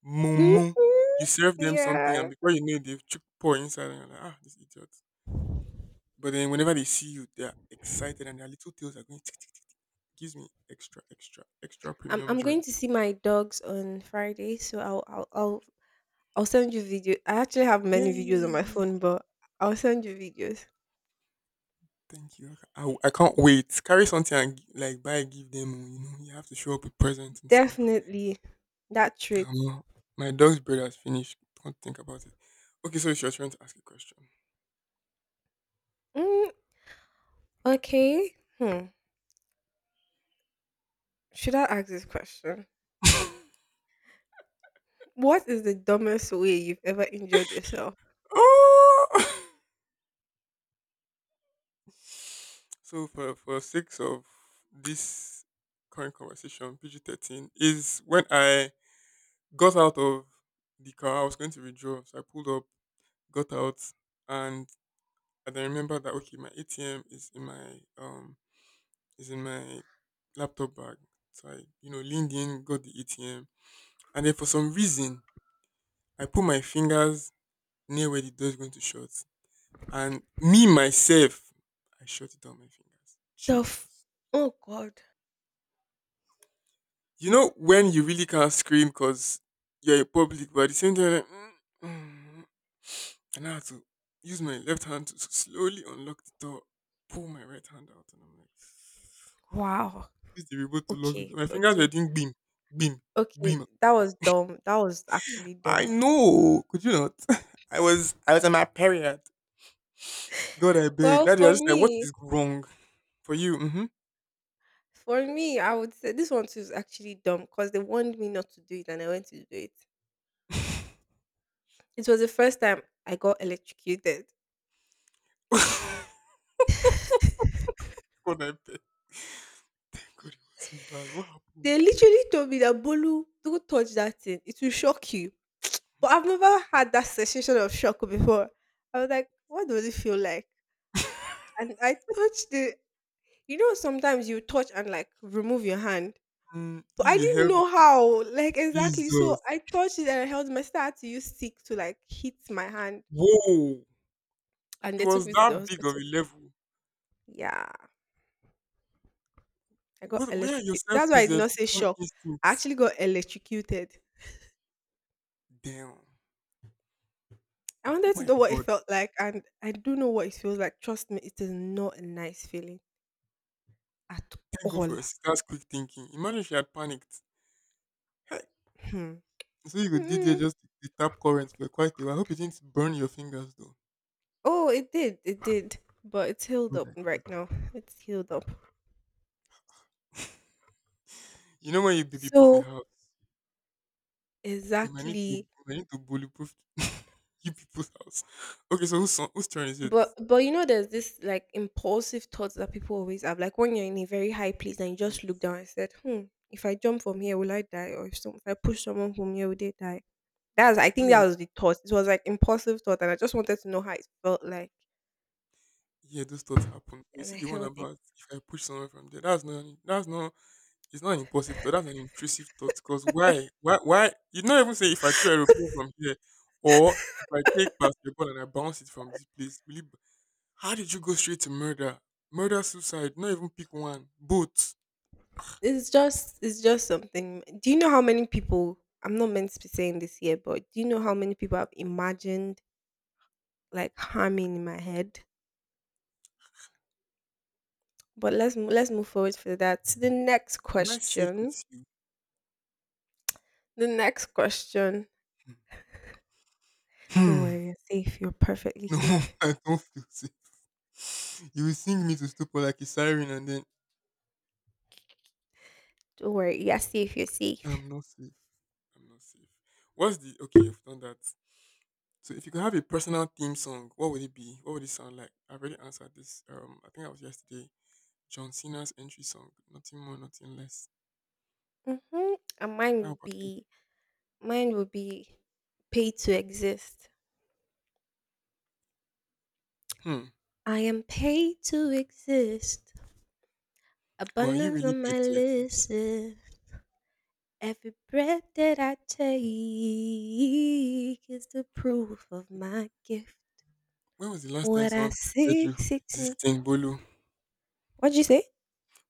S2: mumu,
S1: Hmm.
S2: you serve them something and
S1: Yeah.
S2: before you know it, they've chewed pour inside and you're like, ah, this idiot. But then whenever they see you, they're excited and their little tails are going tick tick tick. Gives me extra, extra, extra
S1: I'm
S2: premium
S1: I'm
S2: joy.
S1: going to see my dogs on Friday, so I'll send you video. I actually have many videos on my
S2: Yay!
S1: phone, but I'll send you videos.
S2: Thank you. I, ca- I can't wait. Carry something and like buy, give them. Oh, you know, you have to show up with presents and stuff.
S1: Definitely that trait.
S2: Um, my dog's bread has finished. Don't think about it. Okay, so it's your turn to ask a question.
S1: Mm, okay. Hmm. Should I ask this question? What is the dumbest way you've ever injured yourself?
S2: Oh! So for sake of this current conversation, PG-13 is when I got out of the car. I was going to withdraw, so I pulled up, got out, and I then remember that okay, my ATM is in my laptop bag. So I leaned in, got the ATM, and then for some reason I put my fingers near where the door is going to shut, and me myself I shut it down my fingers.
S1: The f
S2: Jesus,
S1: oh God.
S2: you know when you really can't scream because you're in public, but at the same time, like, mm, mm. And I had to use my left hand to slowly unlock the door, pull my right hand out, and I'm like,
S1: Wow.
S2: use the remote to lock the
S1: Okay,
S2: door. My fingers were
S1: okay,
S2: doing beam, beam,
S1: okay.
S2: beam.
S1: That
S2: Like,
S1: was dumb. That was actually
S2: I
S1: dumb.
S2: know. Could you not? I was on my period. God, I beg.
S1: Well,
S2: Daddy, I was just like, what is wrong for you? Mm-hmm.
S1: for me, I would say this one too is actually dumb because they warned me not to do it and I went to do it. It was the first time I got electrocuted.
S2: God, I beg. Thank God it wasn't bad. What happened?
S1: They literally told me that Bolu, don't touch that thing. It will shock you. But I've never had that sensation of shock before. I was like, what does it feel like? And I touched it. You know, sometimes you touch and like remove your hand.
S2: Mm,
S1: But I
S2: you
S1: didn't
S2: helped
S1: know how, like exactly.
S2: Jesus.
S1: So I touched it and I held my sister had to use stick to like hit my hand.
S2: Whoa.
S1: And
S2: It
S1: they took
S2: was
S1: me to the
S2: that big of a
S1: hospital.
S2: level.
S1: Yeah. I got
S2: What, where are your
S1: electrocuted. That's why I did not
S2: self-preservation
S1: say shock. I
S2: instincts?
S1: actually got electrocuted.
S2: Damn.
S1: I
S2: Oh
S1: wanted to
S2: my
S1: know what it
S2: God.
S1: felt like, and I do know what it feels like. Trust me, it is not a nice feeling at
S2: Thank God for
S1: all.
S2: your sister's quick thinking. Imagine she had panicked. Hey.
S1: Hmm.
S2: So you could did there
S1: Mm.
S2: just the tap current for quite a while. I hope you didn't burn your fingers though.
S1: Oh, it did. It did. But it's healed
S2: God,
S1: up
S2: I
S1: right
S2: beg.
S1: now. It's healed up.
S2: You know when you baby-proof a
S1: So
S2: house, we might need to
S1: exactly.
S2: we might need to bully-proof you people's house. Okay, so whose turn is it?
S1: But you know there's this like impulsive thoughts that people always have. Like when you're in a very high place and you just
S2: Yes.
S1: look down and said, hmm, if I jump from here, will I die? Or if I push someone from here, will they die? That's I
S2: Those
S1: think
S2: are,
S1: that was the thought. It was like impulsive thought and I just wanted to know how it felt like
S2: yeah, those thoughts happen. You
S1: and
S2: see
S1: I
S2: the one
S1: held it.
S2: about if I push someone from there. That's not, it's not an impulsive thought. That's an intrusive thought. Because why? Why? Why? You don't even say if I throw a aeroplane from here, or if I take basketball and I bounce it from this place. How did you go straight to murder? Murder, suicide. Not even pick one. Both.
S1: It's just something. Do you know how many people I'm not meant to be saying this here, but do you know how many people have imagined like humming in my head. But let's move forward for that. To the next
S2: Am I safe
S1: question.
S2: with you?
S1: The next question. Don't
S2: Hmm.
S1: worry, you're safe. You're perfectly
S2: No,
S1: safe.
S2: I don't feel safe. You will sing me to stupor like a siren, and then
S1: Don't worry, you're safe. You're safe.
S2: I'm not safe. I'm not safe. What's the okay? You've done that. So if you could have a personal theme song, what would it be? What would it sound like? I've already answered this. I think that was yesterday. John Cena's entry song. Nothing more, nothing less.
S1: Mm-hmm. And
S2: How about you?
S1: mine would be paid to exist.
S2: Hmm.
S1: I am paid to exist.
S2: But are you
S1: Abundance
S2: really
S1: on
S2: paid
S1: my
S2: to exist?
S1: list. Eh. Every breath that I take is the proof of my gift.
S2: When was the last time
S1: What I
S2: someone paid you
S1: seek
S2: for
S1: seeks me.
S2: existing, Bolu?
S1: What'd you say?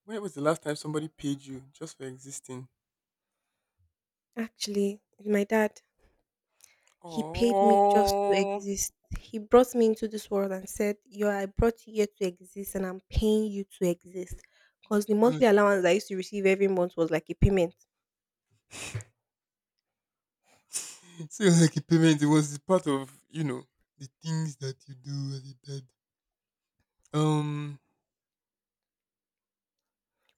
S2: When was the last time somebody paid you just for existing?
S1: Actually, my dad, he paid me just to
S2: Oh
S1: exist. He brought me into this world and said, yo, I brought you here to exist and I'm paying you to exist. Because the
S2: no.
S1: monthly allowance I used to receive every month was like a payment.
S2: So like a payment, it was the part of, you know, the things that you do as a dad. Um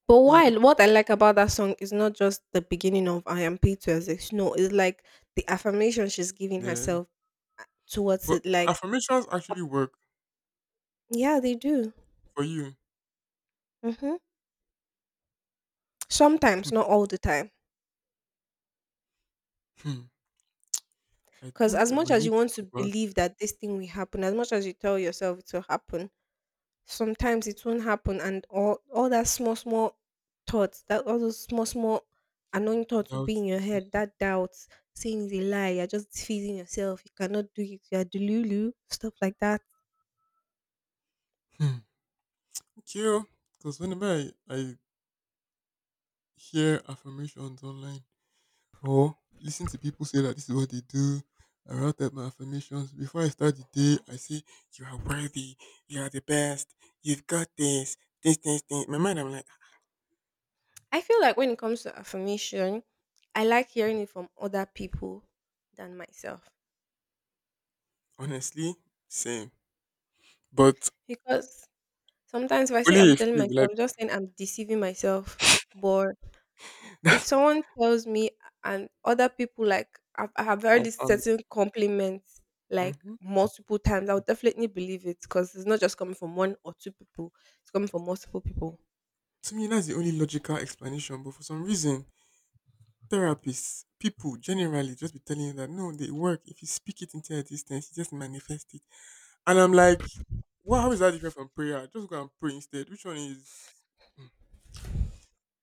S1: But
S2: yeah,
S1: while what I like about that song is not just the beginning of I am paid to exist. No, it's like the affirmation she's giving
S2: yeah.
S1: herself towards
S2: But
S1: it. Like,
S2: affirmations
S1: uh,
S2: actually work
S1: yeah, they do.
S2: for you.
S1: Hmm. Sometimes, not all the time.
S2: Hmm, I
S1: Because
S2: think
S1: as
S2: I
S1: much
S2: might
S1: as
S2: need
S1: you
S2: to
S1: want to
S2: go back
S1: believe that this thing will happen, as much as you tell yourself it will happen, sometimes it won't happen, and all that small small thoughts, that all those small small annoying thoughts will
S2: without.
S1: be in your head.
S2: Mm-mm.
S1: That doubt, saying it's a lie, you're just feeding yourself. You cannot do it. You're delulu, stuff like that.
S2: Hmm. Okay, because whenever I hear affirmations online or listen to people say that this is what they do, I write out my affirmations. Before I start the day, I say, "You are worthy, you are the best, you've got this, this, this, this." In my mind, I'm like,
S1: I feel like when it comes to affirmation, I like hearing it from other people than myself
S2: honestly, same. But
S1: because sometimes if I say
S2: only
S1: I'm
S2: a
S1: telling
S2: few will I
S1: myself, I'm just
S2: be.
S1: saying I'm deceiving myself. But if
S2: That's
S1: someone tells me and other people like I have heard this
S2: confirmed.
S1: certain compliments like
S2: Hmm.
S1: multiple times, I would definitely believe it because it's not just coming from one or two people; it's coming from multiple people.
S2: To me, that's the only logical explanation, but for some reason, therapists, people generally just be telling you that no, they work. If you speak it into existence, you just manifest it. And I'm like, well, how is that different from prayer? Just go and pray instead. Which one is mm,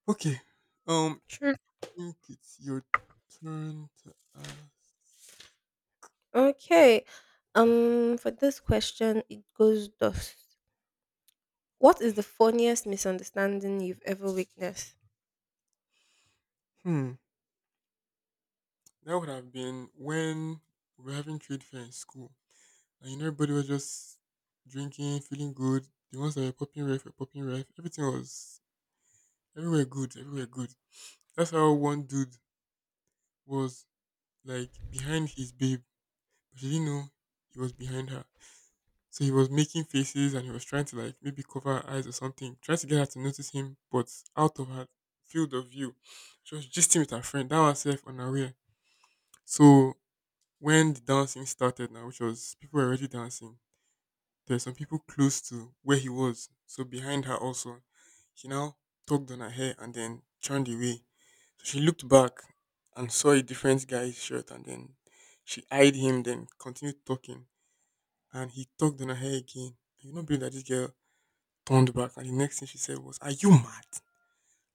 S2: okay? Um,
S1: True.
S2: I think it's your turn to ask.
S1: Okay. For this question, it goes thus: what is the funniest misunderstanding you've ever witnessed?
S2: Hmm. That would have been when we were having trade fair in school, and you know everybody was just drinking, feeling good. The ones that were popping ref were popping ref. Everything was everywhere good. That's how one dude was like behind his babe, but she didn't know he was behind her. So he was making faces and he was trying to like maybe cover her eyes or something, trying to get her to notice him, but out of her field of view. She was gisting with her friend, that was herself unaware. So when the dancing started now, which was people were already dancing, there were some people close to where he was, so behind her also. He now tugged on her hair and then turned away. So she looked back and saw a different guy's shirt, and then she eyed him, then continued talking. And he tugged on her hair again. You know, believe that this girl turned back and the next thing she said was, "Are you mad?"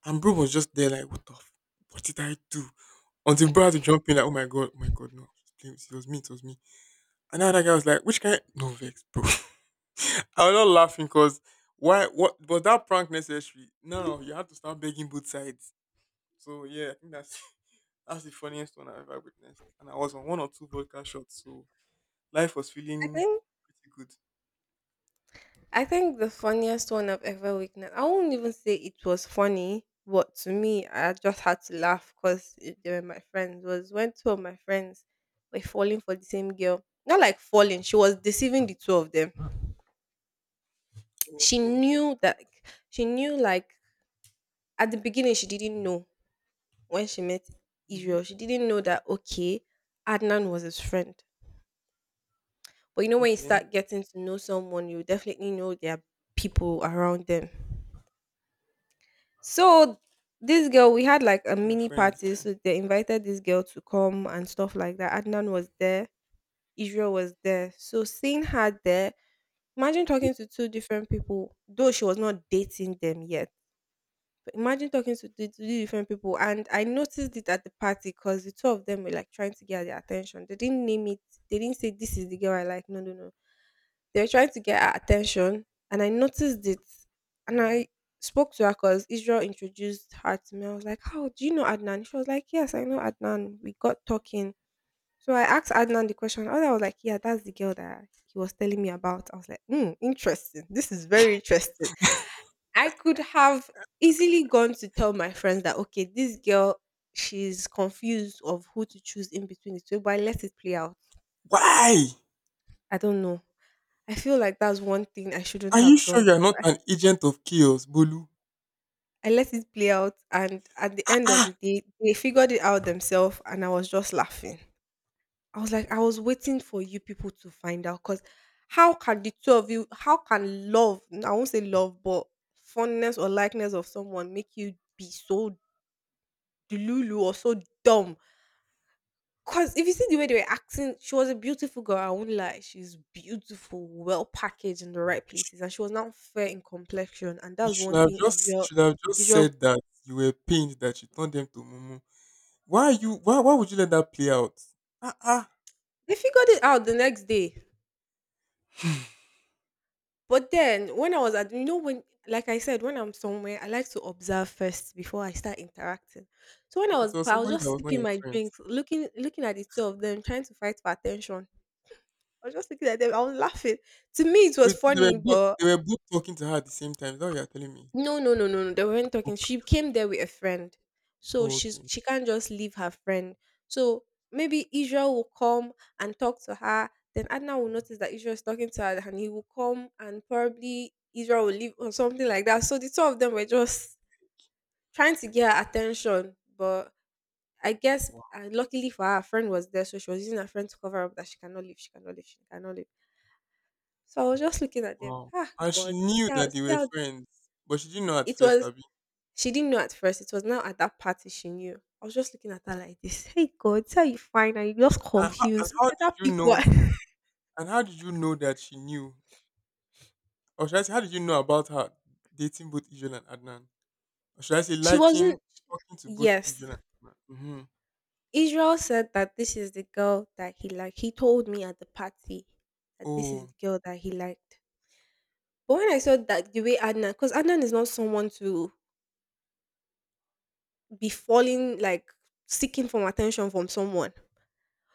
S2: And bro was just there like, "What the f- what did I do?" Until bro had to jump in like, "Oh my god, oh my god, no. It was me, it was me." And now that guy was like, "Which guy? No vex, bro." I was not laughing because why? What was that prank necessary? No, no, you had to start begging both sides. So yeah, I think that's that's the funniest one I've ever witnessed. And I was on one or two vodka shots, so life was
S1: I
S2: feeling
S1: think
S2: pretty good.
S1: I think the funniest one I've ever witnessed, I won't even say it was funny, but to me, I just had to laugh because they were my friends. Was when two of my friends were falling for the same girl. Not like falling, she was deceiving the two of them. She
S2: Okay.
S1: knew that, she knew like at the beginning, she didn't know when she met Israel.
S2: Hmm.
S1: She didn't know that, okay, Adnan was his friend. But you know, when you
S2: Okay.
S1: start getting to know someone, you definitely know there are people around them. So this girl, we had like a
S2: They're
S1: mini
S2: friends,
S1: party,
S2: yeah.
S1: so they invited this girl to come and stuff like that. Adnan was there, Israel was there. So seeing her there, imagine talking to two different people, though she was not dating them yet. But imagine talking to the three different people, and I noticed it at the party because the two of them were like trying to get their attention. They didn't name it. They didn't say this is the girl I like. No, no, no. They were trying to get her attention, and I noticed it, and I spoke to her because Israel introduced her to me. I was like, "How do you know Adnan?" She was like, "Yes, I know Adnan. We got talking." So I asked Adnan the question. Adnan was like, "Yeah, that's the girl that he was telling me about." I was like, "Hmm, interesting. This is very interesting." I could have easily gone to tell my friends that, "Okay, this girl, she's confused of who to choose in between the two, but I let it play out."
S2: Why?
S1: I don't know. I feel like that's one thing I shouldn't
S2: Are you
S1: have
S2: sure
S1: done.
S2: you're not an agent of chaos, Bolu?
S1: I let it play out, and at the
S2: Ah
S1: end of the
S2: ah.
S1: day, they figured it out themselves, and I was just laughing. I was like, I was waiting for you people to find out because how can the two of you, how can love, I won't say love, but fondness or likeness of someone make you be so delulu or so dumb? Because if you see the way they were acting, she was a beautiful girl. I won't lie. She's beautiful, well packaged in the right places. And she was not fair in complexion. And
S2: You
S1: that's
S2: should
S1: one
S2: have
S1: thing
S2: just you
S1: Israel,
S2: should have just
S1: Israel,
S2: said that you were pained that you turned them to Mumu. Why would you let that play out? Ah ah.
S1: they figured it out the next day. But then when I was at, you know, when like I said, when I'm somewhere, I like to observe first before I start interacting. So when I
S2: If it
S1: was,
S2: was
S1: I was
S2: somebody that
S1: just
S2: was not
S1: sipping
S2: your
S1: my
S2: friend.
S1: drinks, looking at the two of them, trying to fight for attention. I was just looking at them, I was laughing. To me it was
S2: Wait, so they were
S1: funny,
S2: both,
S1: but
S2: they were both talking to her at the same time. Is that what you're telling me?
S1: no, no, no, no, no. They weren't talking.
S2: Okay.
S1: She came there with a friend. So
S2: Oh, okay.
S1: she can't just leave her friend. So maybe Israel will come and talk to her. Then Adna will notice that Israel is talking to her and he will come and probably Israel will leave or something like that. So the two of them were just trying to get her attention. But I guess
S2: Wow.
S1: luckily for her, her friend was there. So she was using her friend to cover up that she cannot leave, she cannot leave, she cannot leave. So I was just looking at them.
S2: Wow.
S1: Ah,
S2: And she
S1: God.
S2: knew that they
S1: See
S2: were
S1: how
S2: friends, but she didn't know at
S1: it
S2: first,
S1: was.
S2: Abby.
S1: She didn't know at first. It was now at that party she knew. I was just looking at her like this. Hey God, this you fine? Her? You just
S2: And how, and
S1: confused.
S2: how did
S1: Better
S2: you
S1: pick
S2: know?
S1: one.
S2: And how did you know that she knew? Or should I say, how did you know about her dating both Israel and Adnan? Or should I say,
S1: She
S2: liking
S1: wasn't,
S2: talking to both
S1: yes.
S2: Israel and Adnan? Mm-hmm.
S1: Israel said that this is the girl that he liked. He told me at the party that this is
S2: Oh,
S1: the girl that he liked. But when I saw that the way Adnan, because Adnan is not someone to be falling like seeking for attention from someone.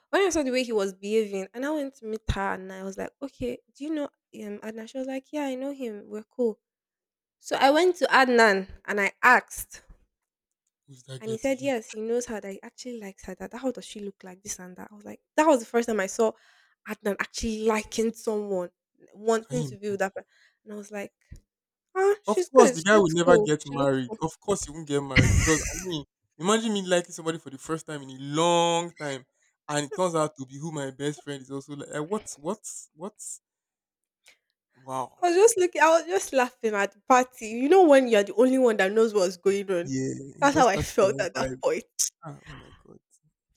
S1: When I saw the way he was behaving, and I went to meet her, and I was like, "Okay, do you know Adnan?" She was like, "Yeah, I know him. We're cool." So I went to Adnan and I asked,
S2: who's that
S1: and
S2: girl
S1: he
S2: to
S1: said,
S2: you?
S1: yes, he knows her, that he actually likes her, that how does she look like, this and that. I was like, that was the first time I saw Adnan actually liking someone,
S2: Can
S1: wanting
S2: you
S1: to be with that
S2: imagine?
S1: person. And I was like, ah,
S2: Of
S1: she's
S2: course,
S1: good.
S2: the
S1: She
S2: guy will
S1: looks
S2: never
S1: cool.
S2: get
S1: She looks
S2: married.
S1: cool.
S2: Of course, he won't get married because I mean, imagine me liking somebody for the first time in a long time, and it turns out to be who my best friend is also like. Like, what? What? What? Wow.
S1: I was just looking, I was just laughing at the party. You know, when you're the only one that knows what's going on.
S2: Yeah, you
S1: That's how
S2: just
S1: I
S2: catch the
S1: felt
S2: wrong
S1: at that
S2: vibe.
S1: point.
S2: Ah, oh my god,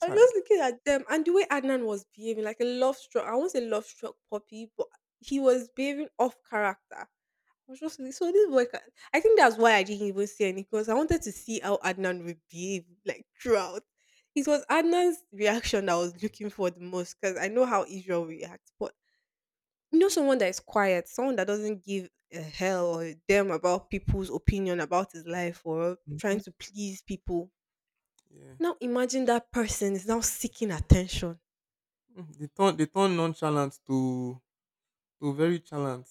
S1: I'm just looking at them and the way Adnan was behaving, like a love struck. I won't say love struck puppy, but he was behaving off character. I was just like, so this boy. Can, I think that's why I didn't even say anything because I wanted to see how Adnan would behave like throughout. It was Adnan's reaction that I was looking for the most because I know how Israel reacts, but you know someone that is quiet, someone that doesn't give a hell or a damn about people's opinion about his life or trying
S2: Hmm.
S1: to please people.
S2: Yeah,
S1: Now imagine that person is now seeking attention.
S2: mm, they turn, they turn nonchalant to very chalant,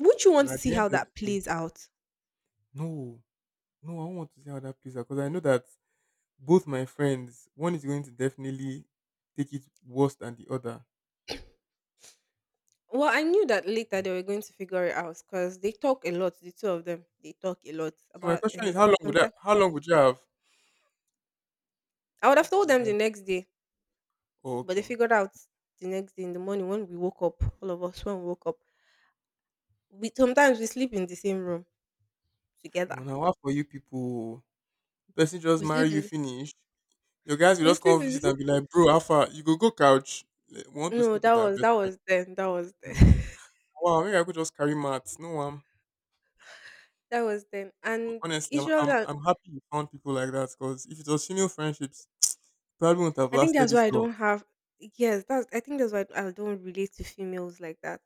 S1: Would you
S2: and
S1: want to
S2: at
S1: see
S2: the end
S1: how
S2: of the
S1: that
S2: day,
S1: plays out?
S2: no, no, I don't want to see how that plays out because I know that both my friends, one is going to definitely take it worse than the other.
S1: Well, I knew that later they were going to figure it out because they talk a lot. The two of them, they talk a lot
S2: So my
S1: about
S2: question is, how
S1: anything.
S2: long would that?
S1: Sometimes
S2: How long would you have?
S1: I would have
S2: What
S1: told
S2: the
S1: them
S2: hell?
S1: the next day,
S2: Oh,
S1: but they
S2: okay.
S1: figured out the next day in the morning when we woke up. All of us when we woke up, we sometimes we sleep in the same room together.
S2: Well, now what for you people? Person just
S1: We
S2: marry
S1: sleep
S2: you,
S1: in this.
S2: finish. Your guys will
S1: We
S2: just
S1: sleep
S2: come
S1: in
S2: visit
S1: this.
S2: and be like, "Bro, how far? You go go couch." Like, "We want to
S1: No,
S2: sleep
S1: that
S2: with our
S1: was
S2: best
S1: that
S2: friend."
S1: was then. That was
S2: I'm
S1: then.
S2: like, wow, maybe I could just carry mats. No, I'm
S1: That was then. And
S2: Honestly, I'm
S1: usually,
S2: I'm,
S1: I
S2: I'm happy you found people like that because if it was female friendships, probably wouldn't have
S1: I think
S2: lasted
S1: that's why
S2: this
S1: I
S2: long.
S1: don't have. Yes, that's. I think that's why I don't relate to females like that.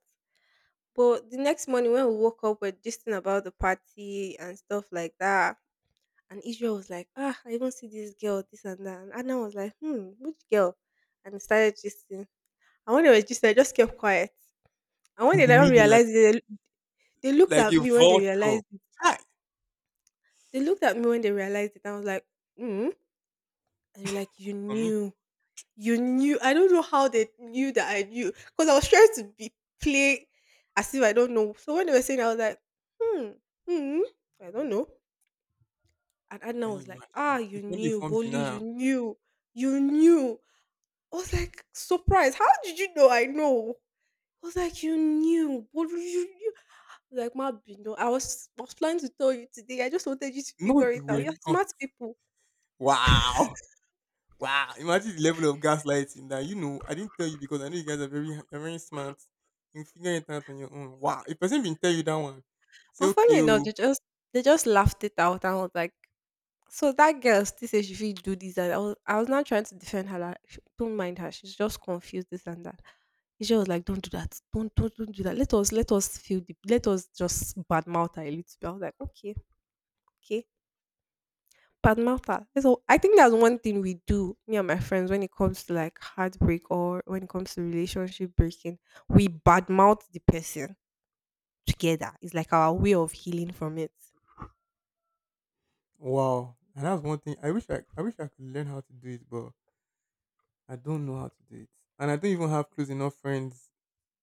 S1: But the next morning when we woke up, we're gisting about the party and stuff like that. And Israel was like, ah, I even see this girl, this and that. And Anna was like, hmm, which girl? And we started gisting. And when they were gisting, I just kept quiet. And when
S2: In
S1: they
S2: the
S1: now
S2: middle,
S1: realized it, they looked
S2: like
S1: at
S2: a
S1: me when they
S2: vulture.
S1: realized it.
S2: Hi,
S1: They looked at me when they realized it. I was like, hmm. And you're like, you
S2: for me,
S1: knew. You knew. I don't know how they knew that I knew. Because I was trying to be play as if I don't know. So when they were saying, I was like, hmm, hmm, I don't know. And
S2: can
S1: Adnan
S2: you
S1: was like, ah,
S2: imagine? You
S1: you
S2: couldn't
S1: knew,
S2: form
S1: Boli. You
S2: denial.
S1: knew, you knew. I was like, surprised. How did you know? I was like, you knew, Bolu, you knew. I was like, my Bino, I was planning to tell you today. I just wanted you to
S2: No,
S1: figure it
S2: you
S1: out.
S2: were
S1: You're
S2: not.
S1: smart people.
S2: Wow. Wow, imagine the level of gaslighting that you know. I didn't tell you because I know you're very smart. You can figure it out on your own. Wow, if person been tell you that one, say
S1: But funny
S2: okay,
S1: enough,
S2: oh,
S1: they just laughed it out and was like, so that girl still says she fit do this and I was not trying to defend her like, "Sh- don't mind her, she's just confused, this and that. She was like, don't do that, don't do that. Let us feel the, let us just badmouth her a little bit. I was like, okay, okay. Badmouth her. So I think that's one thing we do, me and my friends, when it comes to like heartbreak or when it comes to relationship breaking, we badmouth the person together. It's like our way of healing from it.
S2: wow. And that's one thing. I wish I could learn how to do it, but I don't know how to do it, and I don't even have close enough friends.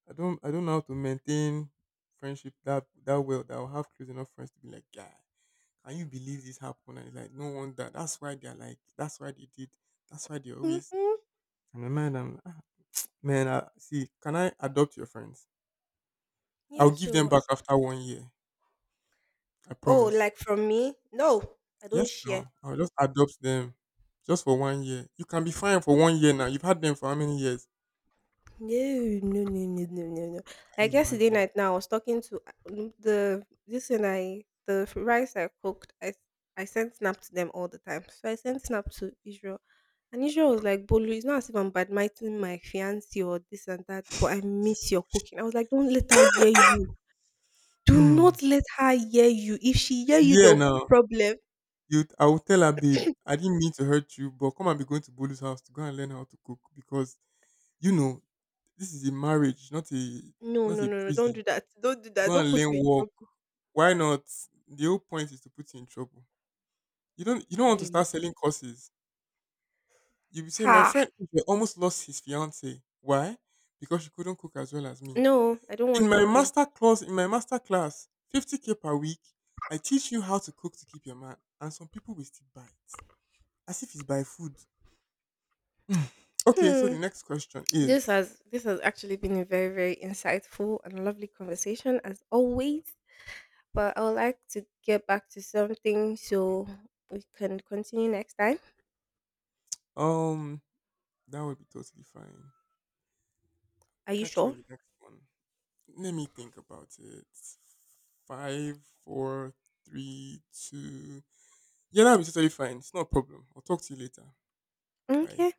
S2: I don't know how to maintain friendship that that well. That I'll have close enough friends to be like, "Guy, can you believe this happened?" And it's like, no wonder. That's why they're like. That's why they did. That's why they always.
S1: Mm-hmm.
S2: And my mind, I'm like, "Ah, man, I, see, can I adopt your friends?
S1: Yeah,
S2: I'll give them
S1: so
S2: back after one year. I
S1: oh,
S2: promise."
S1: like from me? No, I don't
S2: Yes, no.
S1: share.
S2: I'll just adopt them just for one year. You can be fine for one year now. You've had them for how many years?
S1: No, no, no, no, no, no, no.
S2: Can
S1: Like
S2: you
S1: yesterday
S2: imagine?
S1: night, now I was talking to the this and rice I cooked. I sent snap to them all the time, so I sent snap to Israel, and Israel was like, "Bolu, it's not as if I'm badmiting my fiance or this and that, but I miss your cooking." I was like, "Don't let her hear you. Do
S2: Hmm.
S1: not let her hear you. If she
S2: If
S1: hear you,
S2: you hear
S1: there'll be
S2: now,
S1: problem.
S2: you, I will tell her, "Babe, I didn't mean to hurt you, but come and be going to Bolu's house to go and learn how to cook because you know this is a marriage, not a
S1: No,
S2: not
S1: no,
S2: a
S1: no, no. Don't
S2: prison.
S1: do that. Don't do that.
S2: Go
S1: Don't
S2: and
S1: put
S2: learn
S1: me in
S2: work."
S1: trouble.
S2: Why not? The whole point is to put you in trouble. You don't
S1: Can
S2: want
S1: you?
S2: to
S1: Ima-
S2: start selling courses. You'll be saying, "My
S1: Ha!
S2: friend Ife almost lost his fiance. Why? Because she couldn't cook as well as me.
S1: No, I don't
S2: In
S1: want
S2: my
S1: trouble.
S2: master class, in my master class, 50K per week, I teach you how to cook to keep your man." And some people will still buy it. As if it's by food. Mm, okay, so
S1: Hmm.
S2: the next question
S1: This
S2: is
S1: has this has actually been a very, very insightful and lovely conversation as always. But I would like to get back to something so we can continue next time.
S2: um that would be totally fine.
S1: Are you
S2: Catch you in
S1: sure?
S2: the next one. Let me think about it. Five, four, three, two. Yeah, that'll be totally fine. It's not a problem. I'll talk to you later. Bye.
S1: Okay.